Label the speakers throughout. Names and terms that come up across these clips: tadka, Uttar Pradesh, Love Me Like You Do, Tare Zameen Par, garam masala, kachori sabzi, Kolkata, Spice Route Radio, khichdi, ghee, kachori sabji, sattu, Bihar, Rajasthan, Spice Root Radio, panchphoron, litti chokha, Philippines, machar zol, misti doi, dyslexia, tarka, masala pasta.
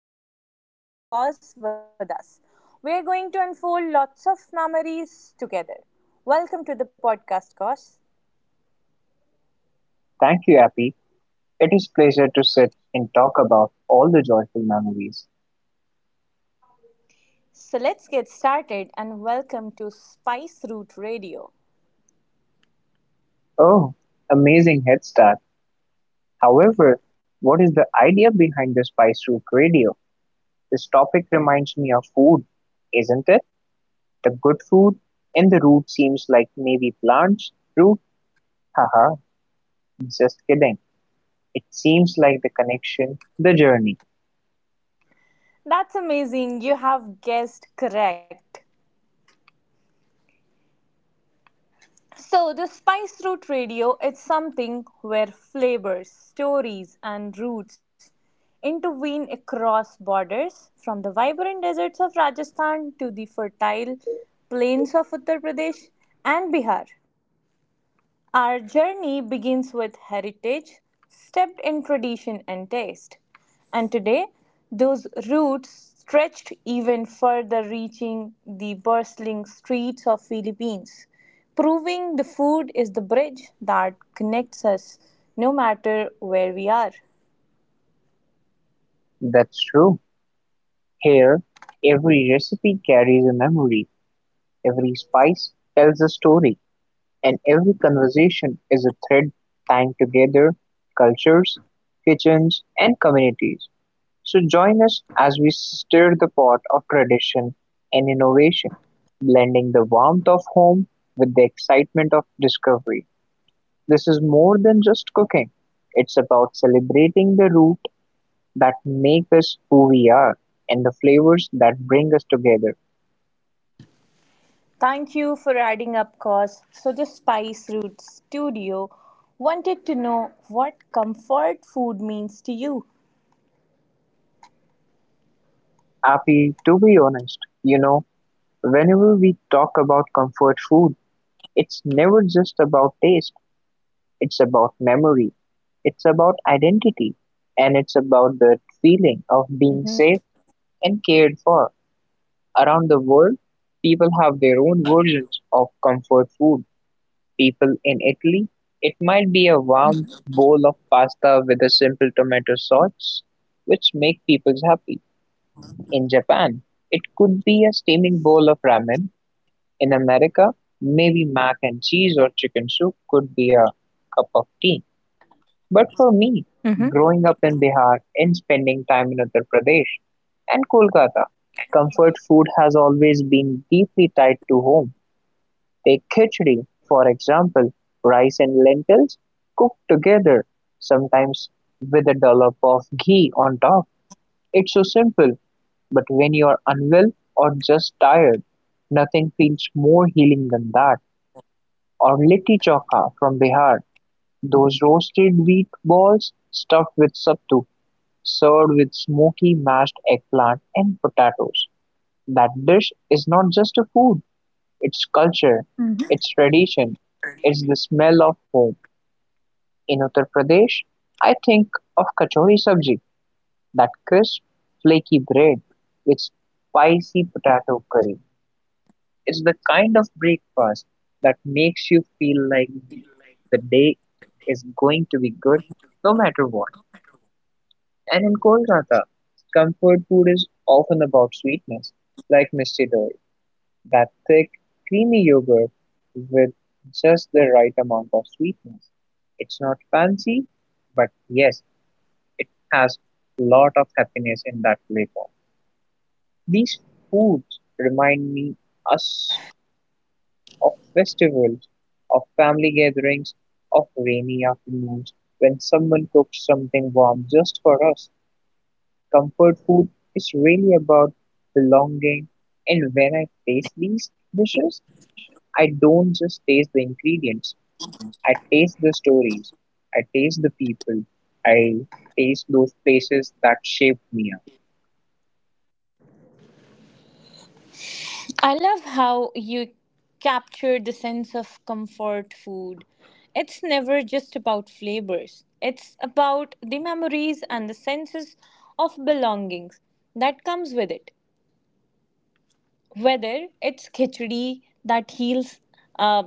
Speaker 1: podcast session, we have Cause with us. We are going to unfold lots of memories together. Welcome to the podcast, Cause.
Speaker 2: Thank you, Appy. It is pleasure to sit and talk about all the joyful memories.
Speaker 1: So, let's get started and welcome to Spice Root Radio.
Speaker 2: Oh, amazing head start. However, what is the idea behind the Spice Route Radio? This topic reminds me of food, isn't it? The good food and the root seems like maybe plants, root, haha, just kidding. It seems like the connection, the journey.
Speaker 1: That's amazing, you have guessed correct. So, the Spice Route Radio is something where flavors, stories, and roots intervene across borders from the vibrant deserts of Rajasthan to the fertile plains of Uttar Pradesh and Bihar. Our journey begins with heritage, steeped in tradition and taste. And today, those roots stretched even further, reaching the bustling streets of Philippines, proving the food is the bridge that connects us no matter where we are.
Speaker 2: That's true. Here, every recipe carries a memory, every spice tells a story. And every conversation is a thread tying together cultures, kitchens, and communities. So join us as we stir the pot of tradition and innovation, blending the warmth of home with the excitement of discovery. This is more than just cooking. It's about celebrating the root that make us who we are and the flavors that bring us together.
Speaker 1: Thank you for adding up cause. So the Spice Roots Studio wanted to know what comfort food means to you.
Speaker 2: Happy to be honest, you know, whenever we talk about comfort food, it's never just about taste, it's about memory, it's about identity, and it's about
Speaker 1: Mhm.
Speaker 2: the feeling of being safe and cared for. Around the world, people have their own versions of comfort food. People in Italy, it might be a warm bowl of pasta with a simple tomato sauce, which make people happy. In Japan, it could be a steaming bowl of ramen. In America, maybe mac and cheese or chicken soup could be a cup of tea. But for me, growing up in Bihar and spending time in Uttar Pradesh and Kolkata, comfort food has always been deeply tied to home. Take khichdi, for example, rice and lentils cooked together, sometimes with a dollop of ghee on top. It's so simple, but when you are unwell or just tired, nothing feels more healing than that. Or litti chokha from Bihar, those roasted wheat balls stuffed with sattu, served with smoky mashed eggplant and potatoes. That dish is not just a food, it's culture, it's tradition, it's the smell of home. In Uttar Pradesh, I think of kachori sabji, that crisp, flaky bread with spicy potato curry. It's the kind of breakfast that makes you feel like the day is going to be good no matter what. And in Kolkata, comfort food is often about sweetness, like misti doi, that thick, creamy yogurt with just the right amount of sweetness. It's not fancy, but yes, it has a lot of happiness in that flavor. These foods remind me us of festivals, of family gatherings, of rainy afternoons when someone cooks something warm just for us. Comfort food is really about belonging, and when I taste these dishes, I don't just taste the ingredients, I taste the stories, I taste the people, I taste those places that shaped me up.
Speaker 1: I love how you captured the sense of comfort food. It's never just about flavors, it's about the memories and the senses of belongings that comes with it, whether it's khichdi that heals, uh,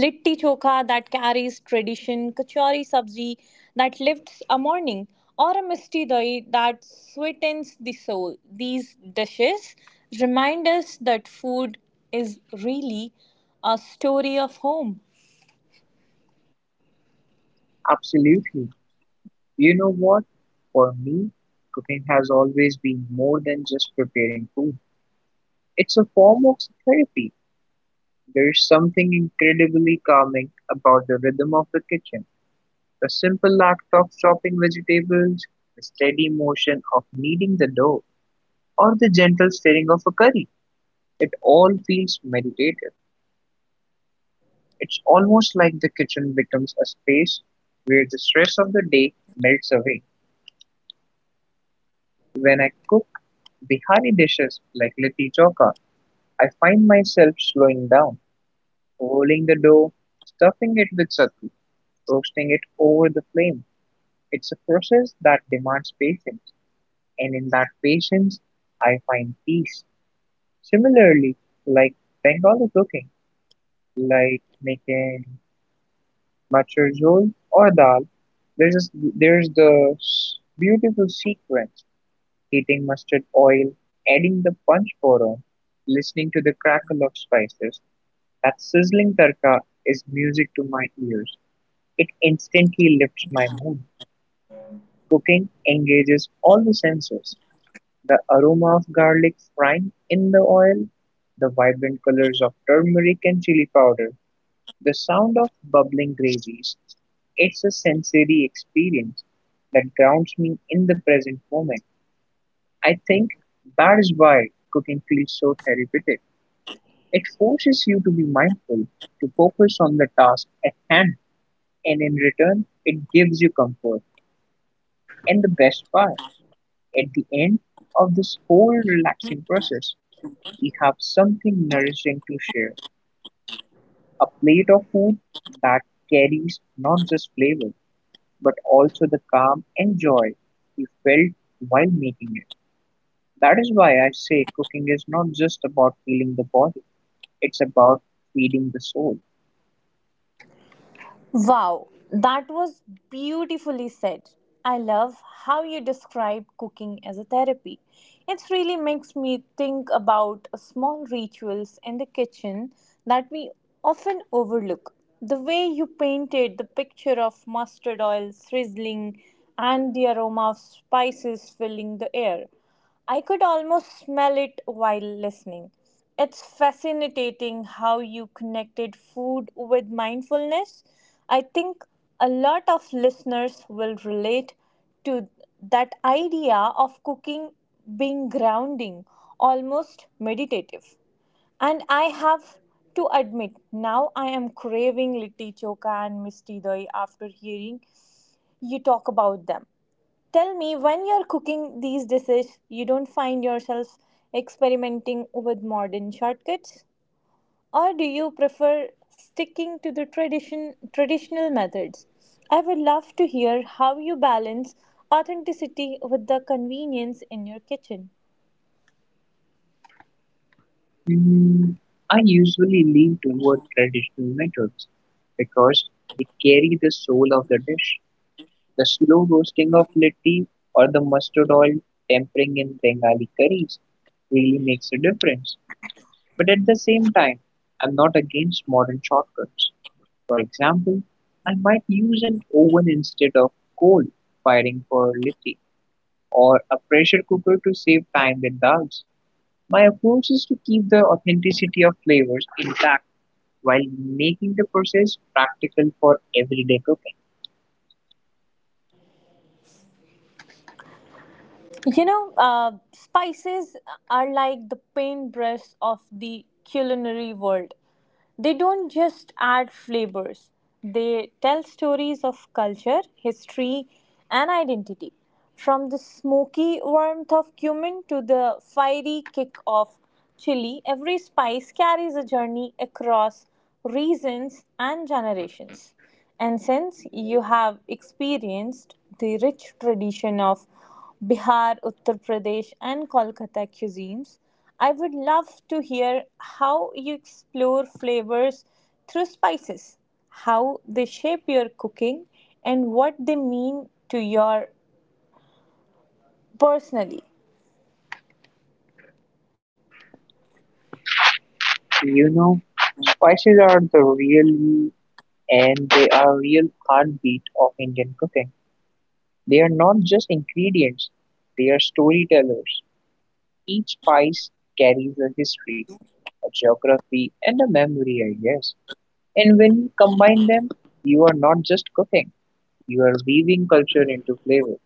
Speaker 1: litti chokha that carries tradition, kachori sabzi that lifts a morning, or a misti doi that sweetens the soul. These dishes remind us that food is really a story of home.
Speaker 2: Absolutely. You know what? For me, cooking has always been more than just preparing food. It's a form of therapy. There's something incredibly calming about the rhythm of the kitchen, the simple act of chopping vegetables, the steady motion of kneading the dough, or the gentle stirring of a curry. It all feels meditative. It's almost like the kitchen becomes a space where the stress of the day melts away. When I cook Bihari dishes like litti chokha, I find myself slowing down, rolling the dough, stuffing it with sattu, roasting it over the flame. It's a process that demands patience, and in that patience, I find peace. Similarly, like Bengali cooking, like making machar zol or dal, there's this beautiful sequence: heating mustard oil, adding the punch boron, listening to the crackle of spices. That sizzling tarka is music to my ears. It instantly lifts my mood. Cooking engages all the senses: the aroma of garlic frying in the oil, the vibrant colors of turmeric and chili powder, the sound of bubbling gravies. It's a sensory experience that grounds me in the present moment. I think that is why cooking feels so therapeutic. It forces you to be mindful, to focus on the task at hand, and in return, it gives you comfort. And the best part, at the end of this whole relaxing process, we have something nourishing to share, a plate of food that carries not just flavor, but also the calm and joy we felt while making it. That is why I say cooking is not just about feeling the body, it's about feeding the soul.
Speaker 1: Wow, that was beautifully said. I love how you describe cooking as a therapy. It really makes me think about small rituals in the kitchen that we often overlook. The way you painted the picture of mustard oil sizzling and the aroma of spices filling the air. I could almost smell it while listening. It's fascinating how you connected food with mindfulness. I think a lot of listeners will relate to that idea of cooking being grounding, almost meditative. And I have to admit, now I am craving litti choka and misti doi after hearing you talk about them. Tell me, when you're cooking these dishes, you don't find yourself experimenting with modern shortcuts? Or do you prefer sticking to the traditional methods? I would love to hear how you balance authenticity with the convenience in your kitchen.
Speaker 2: Mm, I usually lean toward traditional methods because they carry the soul of the dish. The slow roasting of litti or the mustard oil tempering in Bengali curries really makes a difference. But at the same time, I'm not against modern shortcuts. For example, I might use an oven instead of coal firing for litti or a pressure cooker to save time with dals. My approach is to keep the authenticity of flavors intact while making the process practical for everyday cooking.
Speaker 1: You know, spices are like the paintbrush of the culinary world. They don't just add flavors, they tell stories of culture, history, and identity. From the smoky warmth of cumin to the fiery kick of chili, every spice carries a journey across regions and generations. And since you have experienced the rich tradition of Bihar, Uttar Pradesh, and Kolkata cuisines, I would love to hear how you explore flavors through spices, how they shape your cooking, and what they mean to your personally.
Speaker 2: You know, spices are the real heartbeat of Indian cooking. They are not just ingredients, they are storytellers. Each spice carries a history, a geography, and a memory, I guess. And when you combine them, you are not just cooking, you are weaving culture into flavor.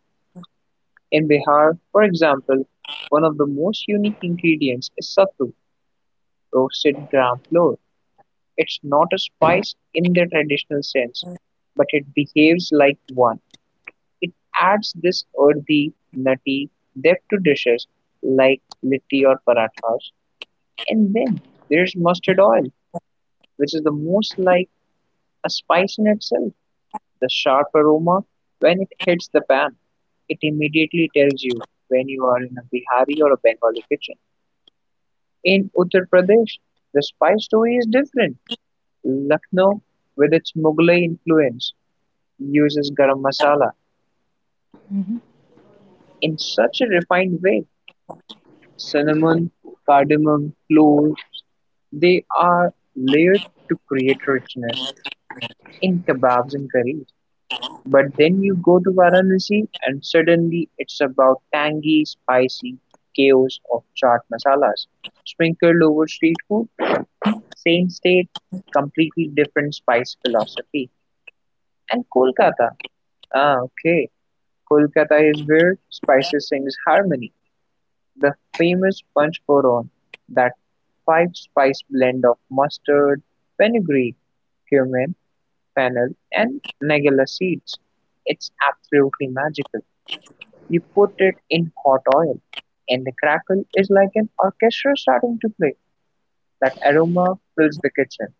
Speaker 2: In Bihar, for example, one of the most unique ingredients is sattu, roasted gram flour. It's not a spice in the traditional sense, but it behaves like one. It adds this earthy, nutty depth to dishes like litti or parathas. And then there's mustard oil, which is the most like a spice in itself. The sharp aroma, when it hits the pan, it immediately tells you when you are in a Bihari or a Bengali kitchen. In Uttar Pradesh, the spice story is different. Lucknow, with its Mughlai influence, uses garam masala in such a refined way: cinnamon, cardamom, cloves, they are layered to create richness in kebabs and curries. But then you go to Varanasi and suddenly it's about tangy, spicy chaos of chaat masalas sprinkled over street food, same state, completely different spice philosophy. And Kolkata, okay, Kolkata is where spices sings harmony. The famous panchphoron, that five-spice blend of mustard, fenugreek, cumin, fennel and nagala seeds. It's absolutely magical. You put it in hot oil, and the crackle is like an orchestra starting to play. That aroma fills the kitchen.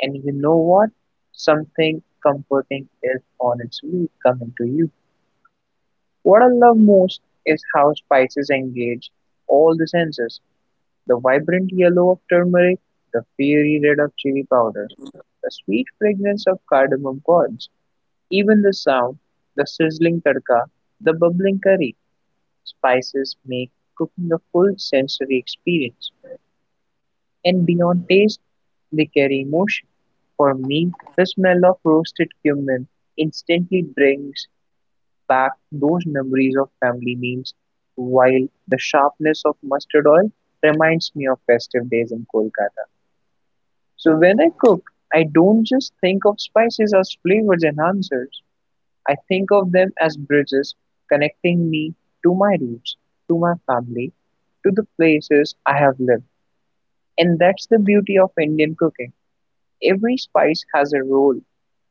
Speaker 2: And you know what? Something comforting is on its way coming to you. What I love most is how spices engage all the senses: the vibrant yellow of turmeric, the fiery red of chili powder, the sweet fragrance of cardamom pods, even the sound, the sizzling tadka, the bubbling curry. Spices make cooking a full sensory experience, and beyond taste, they carry emotion. For me, the smell of roasted cumin instantly brings back those memories of family meals, while the sharpness of mustard oil reminds me of festive days in Kolkata. So when I cook, I don't just think of spices as flavors enhancers. I think of them as bridges connecting me to my roots, to my family, to the places I have lived. And that's the beauty of Indian cooking. Every spice has a role,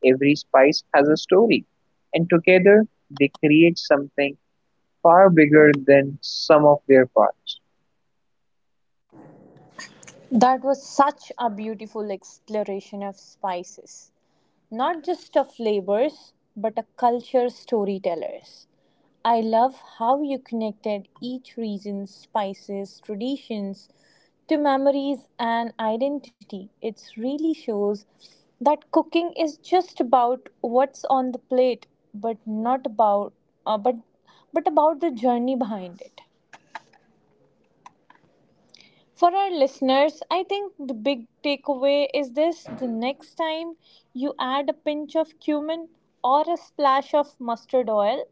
Speaker 2: every spice has a story, and together they create something far bigger than some of their parts.
Speaker 1: That was such a beautiful exploration of spices, not just of flavors, but a culture storytellers. I love how you connected each region's spices, traditions to memories and identity. It really shows that cooking is just about what's on the plate, but not about uh, but but about the journey behind it. For our listeners, I think the big takeaway is this: the next time you add a pinch of cumin or a splash of mustard oil,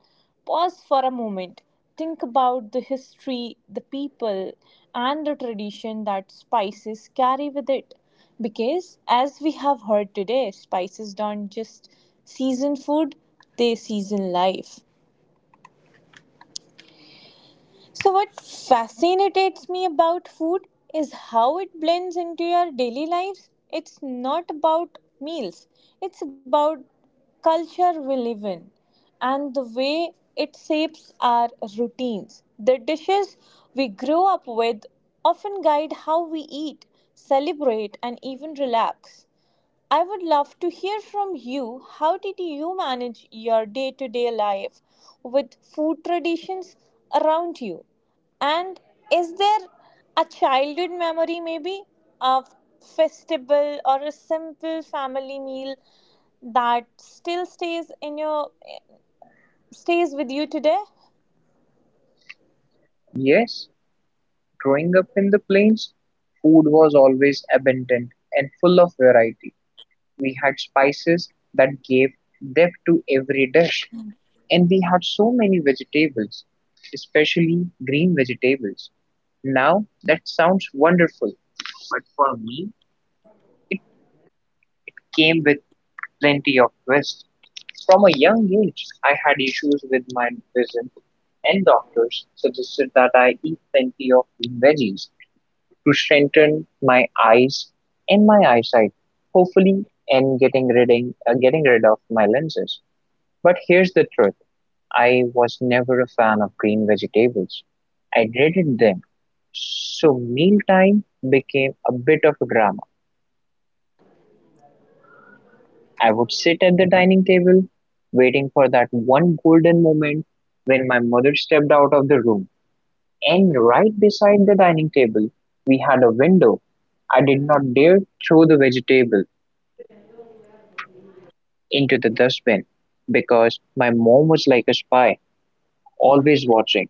Speaker 1: pause for a moment. Think about the history, the people, and the tradition that spices carry with it. Because, as we have heard today, spices don't just season food, they season life. So, what fascinates me about food is how it blends into your daily lives. It's not about meals, it's about culture we live in and the way it shapes our routines. The dishes we grow up with often guide how we eat, celebrate, and even relax. I would love to hear from you. How did you manage your day to day life with food traditions around you? And is there a childhood memory, maybe a festival or a simple family meal that still stays in your stays with you today?
Speaker 2: Yes, growing up in the plains, food was always abundant and full of variety. We had spices that gave depth to every dish, and we had so many vegetables, especially green vegetables. Now that sounds wonderful, but for me, it came with plenty of twists. From a young age, I had issues with my vision, and doctors suggested that I eat plenty of green veggies to strengthen my eyes and my eyesight, hopefully, and getting rid of my lenses. But here's the truth: I was never a fan of green vegetables. I dreaded them. So mealtime became a bit of a drama. I would sit at the dining table, waiting for that one golden moment when my mother stepped out of the room. And right beside the dining table, we had a window. I did not dare throw the vegetable into the dustbin because my mom was like a spy, always watching.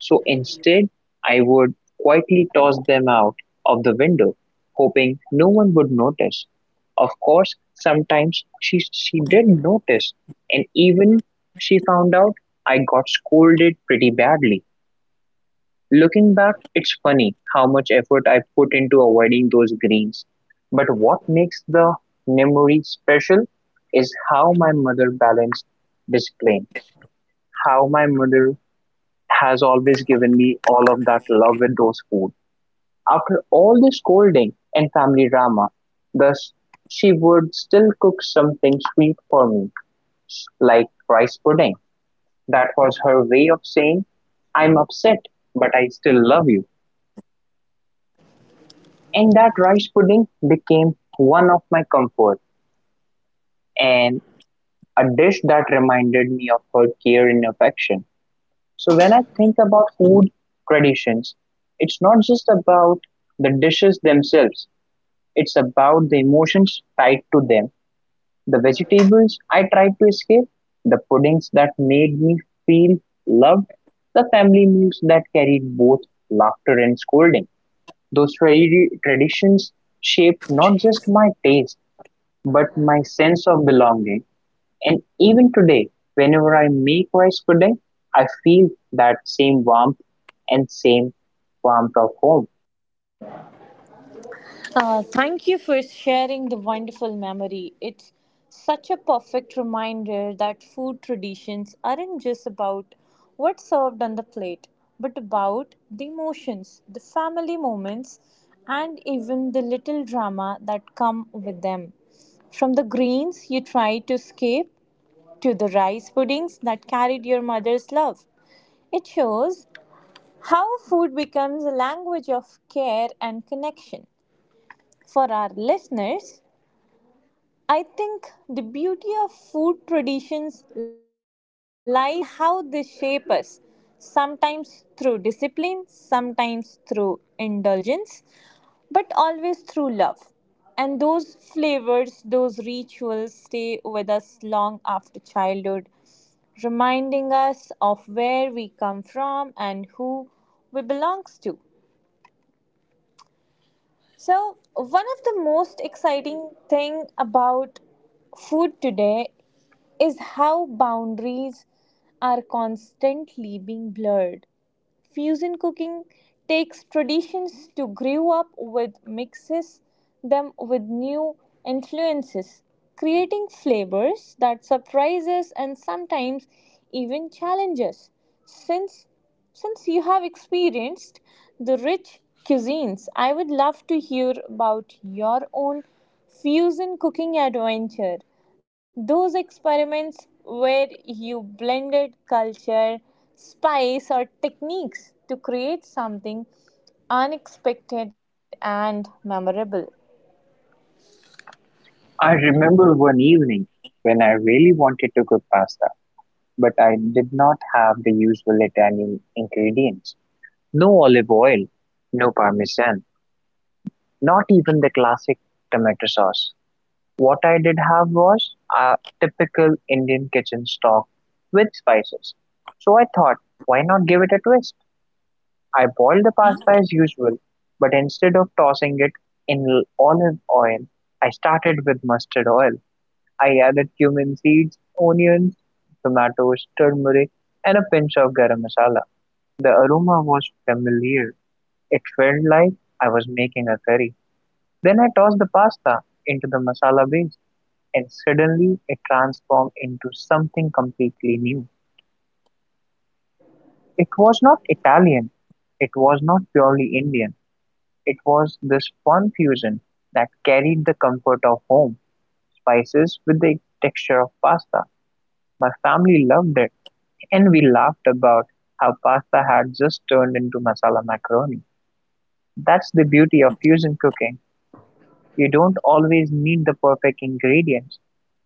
Speaker 2: So instead, I would quietly toss them out of the window, hoping no one would notice. Of course, sometimes she did notice, and even she found out I got scolded pretty badly. Looking back, it's funny how much effort I put into avoiding those greens. But what makes the memory special is how my mother balanced discipline, how my mother has always given me all of that love with those food. After all the scolding and family drama, thus she would still cook something sweet for me, like rice pudding. That was her way of saying, I'm upset, but I still love you. And that rice pudding became one of my comfort and a dish that reminded me of her care and affection. So when I think about food traditions, it's not just about the dishes themselves, it's about the emotions tied to them. The vegetables I tried to escape, the puddings that made me feel loved, the family meals that carried both laughter and scolding. Those traditions shaped not just my taste, but my sense of belonging. And even today, whenever I make rice pudding, I feel that same warmth and same warmth of home.
Speaker 1: Thank you for sharing the wonderful memory. It's such a perfect reminder that food traditions aren't just about what's served on the plate, but about the emotions, the family moments, and even the little drama that come with them. From the greens you tried to escape to the rice puddings that carried your mother's love. It shows how food becomes a language of care and connection. For our listeners, I think the beauty of food traditions lies in how they shape us, sometimes through discipline, sometimes through indulgence, but always through love. And those flavors, those rituals stay with us long after childhood, reminding us of where we come from and who we belong to. So, one of the most exciting thing about food today is how boundaries are constantly being blurred. Fusion cooking takes traditions to grow up with, mixes them with new influences, creating flavors that surprise us and sometimes even challenge us. Since since you have experienced the rich cuisines, I would love to hear about your own fusion cooking adventure. Those experiments where you blended culture, spice, or techniques to create something unexpected and memorable.
Speaker 2: I remember one evening when I really wanted to cook pasta, but I did not have the usual Italian ingredients. No olive oil, no parmesan, not even the classic tomato sauce. What I did have was a typical Indian kitchen stock with spices. So I thought, why not give it a twist? I boiled the pasta as usual, but instead of tossing it in olive oil, I started with mustard oil. I added cumin seeds, onions, tomatoes, turmeric, and a pinch of garam masala. The aroma was familiar. It felt like I was making a curry. Then I tossed the pasta into the masala base, and suddenly it transformed into something completely new. It was not Italian, it was not purely Indian. It was this fun fusion that carried the comfort of home spices with the texture of pasta. My family loved it, and we laughed about how pasta had just turned into masala macaroni. That's the beauty of fusion cooking. You don't always need the perfect ingredients.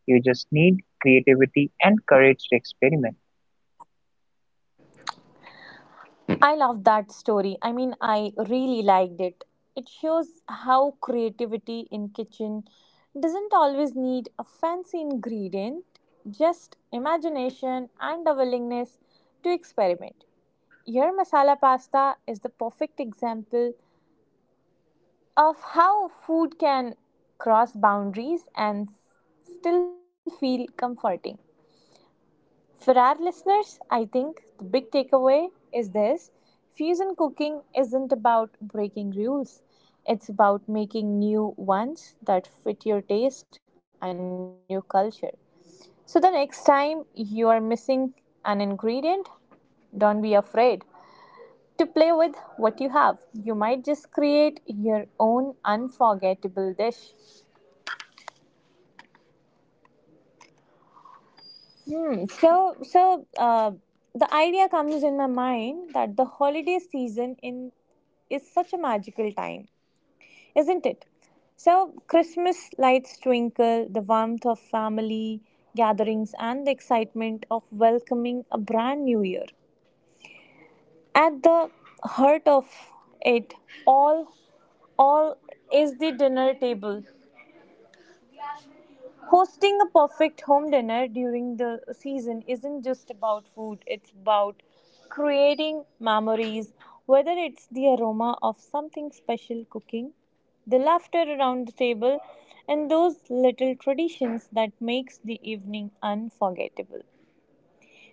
Speaker 2: You just need creativity and courage to experiment.
Speaker 1: I love that story. I mean, I really liked it. It shows how creativity in kitchen doesn't always need a fancy ingredient, just imagination and a willingness to experiment. Your masala pasta is the perfect example of how food can cross boundaries and still feel comforting. For our listeners, I think the big takeaway is this: fusion cooking isn't about breaking rules, it's about making new ones that fit your taste and your culture. So the next time you are missing an ingredient, don't be afraid to play with what you have. You might just create your own unforgettable dish. Hmm. So, so uh, the idea comes in my mind that the holiday season in is such a magical time, isn't it? So, Christmas lights twinkle, the warmth of family gatherings, and the excitement of welcoming a brand new year. At the heart of it all, all is the dinner table. Hosting a perfect home dinner during the season isn't just about food, it's about creating memories, whether it's the aroma of something special cooking, the laughter around the table, and those little traditions that makes the evening unforgettable.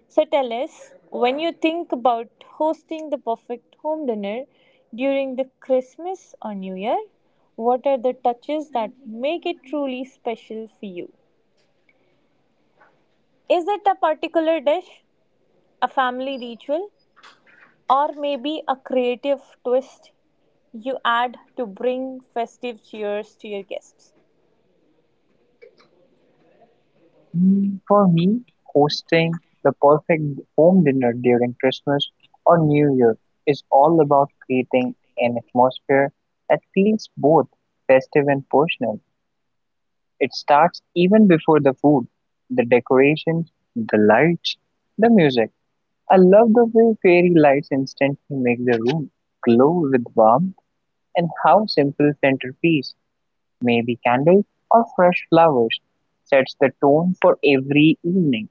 Speaker 1: So tell us, when you think about hosting the perfect home dinner during the Christmas or New Year, what are the touches that make it truly special for you? Is it a particular dish, a family ritual, or maybe a creative twist you add to bring festive cheers to your guests?
Speaker 2: Mm, for me, hosting the perfect home dinner during Christmas or New Year is all about creating an atmosphere that feels both festive and personal. It starts even before the food, the decorations, the lights, the music. I love the way fairy lights instantly make the room glow with warmth and how simple centerpiece, maybe candles or fresh flowers, sets the tone for every evening.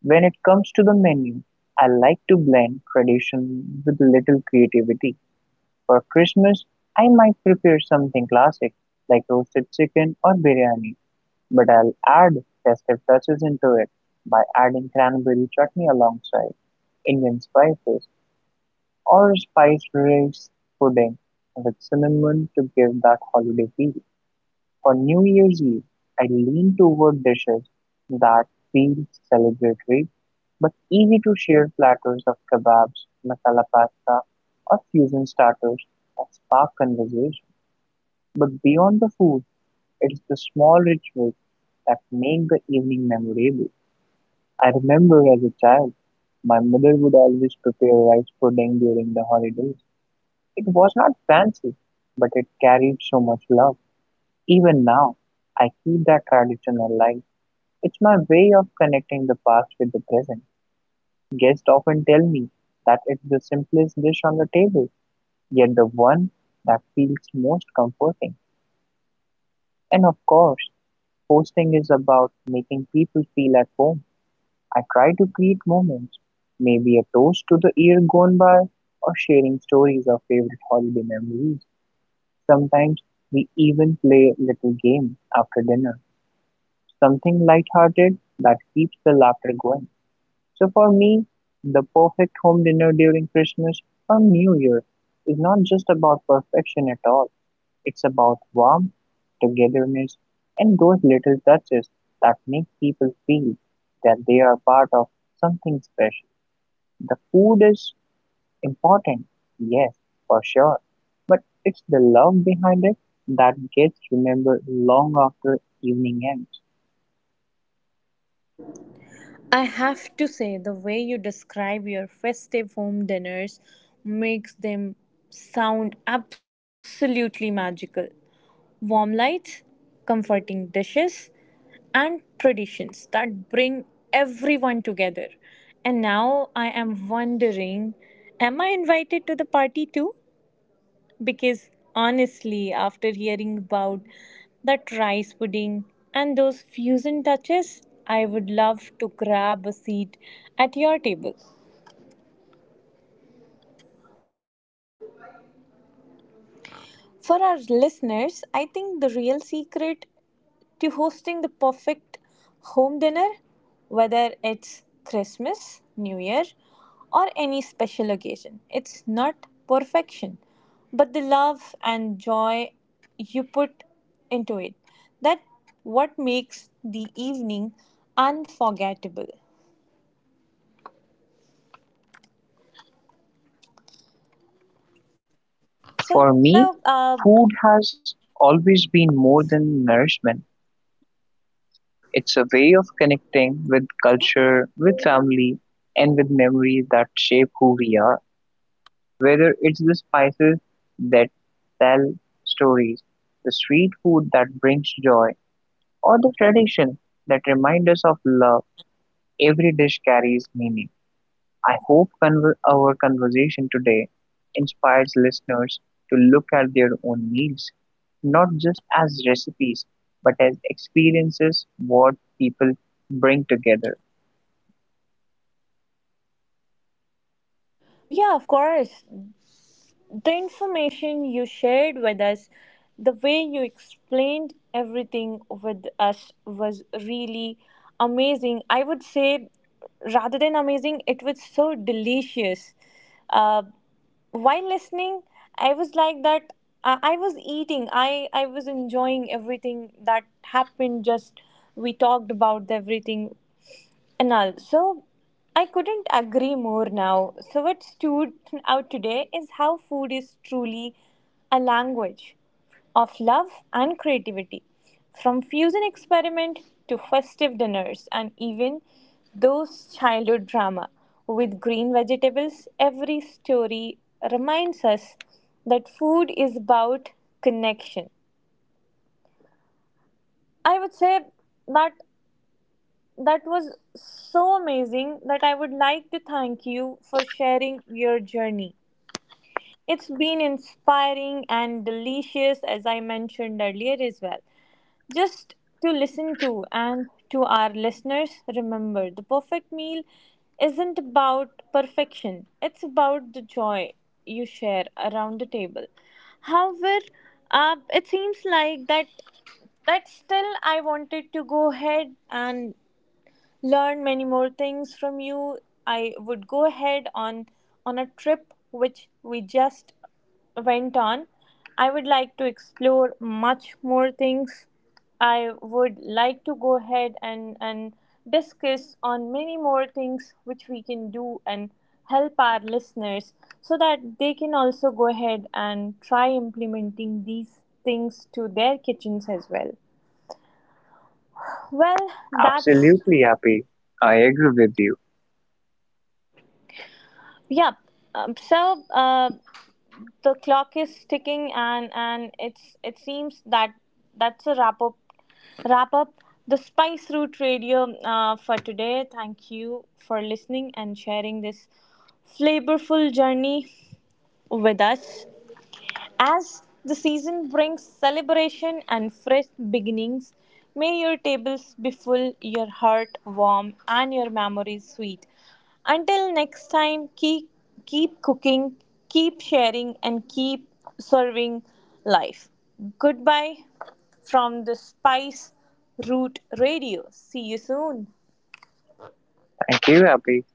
Speaker 2: When it comes to the menu, I like to blend tradition with little creativity. For Christmas, I might prepare something classic like roasted chicken or biryani, but I'll add festive touches into it by adding cranberry chutney alongside Indian spices or spiced rice pudding with cinnamon to give that holiday feel. On New Year's Eve, I lean toward dishes that feel celebratory but easy to share platters of kebabs, masala pasta, or fusion starters that spark conversation. But beyond the food, it's the small rituals that make the evening memorable. I remember as a child, my mother would always prepare rice pudding during the holidays. It was not fancy, but it carried so much love. Even now, I keep that tradition alive. It's my way of connecting the past with the present. Guests often tell me that it's the simplest dish on the table, yet the one that feels most comforting. And of course, hosting is about making people feel at home. I try to create moments, maybe a toast to the year gone by, or sharing stories of favorite holiday memories. Sometimes we even play a little game after dinner, something lighthearted that keeps the laughter going. So for me, the perfect home dinner during Christmas or New Year is not just about perfection at all. It's about warmth, togetherness, and those little touches that make people feel that they are part of something special. The food is important, yes, for sure, but it's the love behind it that gets remembered long after evening ends.
Speaker 1: I have to say, the way you describe your festive home dinners makes them sound absolutely magical. Warm lights, comforting dishes, and traditions that bring everyone together. And now I am wondering, am I invited to the party too? Because honestly, after hearing about that rice pudding and those fusion touches, I would love to grab a seat at your table. For our listeners, I think the real secret to hosting the perfect home dinner, whether it's Christmas, New Year, or any special occasion, it's not perfection, but the love and joy you put into it. That what makes the evening unforgettable.
Speaker 2: For
Speaker 1: So,
Speaker 2: me,
Speaker 1: uh,
Speaker 2: food has always been more than nourishment. It's a way of connecting with culture, with family, and with memories that shape who we are. Whether it's the spices that tell stories, the street food that brings joy, or the tradition that reminds us of love, every dish carries meaning. I hope our conversation today inspires listeners to look at their own meals, not just as recipes, but as experiences what people bring together.
Speaker 1: yeah, of course, the information you shared with us, the way you explained everything with us was really amazing. I would say, rather than amazing, it was so delicious. Uh, while listening, I was like that. I was eating. I was enjoying everything that happened. Just we talked about everything. And also, I couldn't agree more now. So, what stood out today is how food is truly a language of love and creativity. From fusion experiment to festive dinners and even those childhood drama with green vegetables, every story reminds us that food is about connection. I would say that That was so amazing that I would like to thank you for sharing your journey. It's been inspiring and delicious, as I mentioned earlier as well. Just to listen to, and to our listeners, remember the perfect meal isn't about perfection, it's about the joy you share around the table. However, it seems like that that still I wanted to go ahead and learn many more things from you. I would go ahead on a trip which we just went on. I would like to explore much more things. I would like to go ahead and discuss on many more things which we can do and help our listeners so that they can also go ahead and try implementing these things to their kitchens as well. Well, that's
Speaker 2: Absolutely, happy. I agree with you.
Speaker 1: yeah. Um, so uh, the clock is ticking, and it seems that that's a wrap up. Wrap up the Spice Route Radio for today. Thank you for listening and sharing this flavorful journey with us. As the season brings celebration and fresh beginnings, may your tables be full, your heart warm, and your memories sweet. Until next time, keep cooking, keep sharing, and keep serving life. Goodbye from the Spice Root Radio. See you soon.
Speaker 2: Thank you, happy.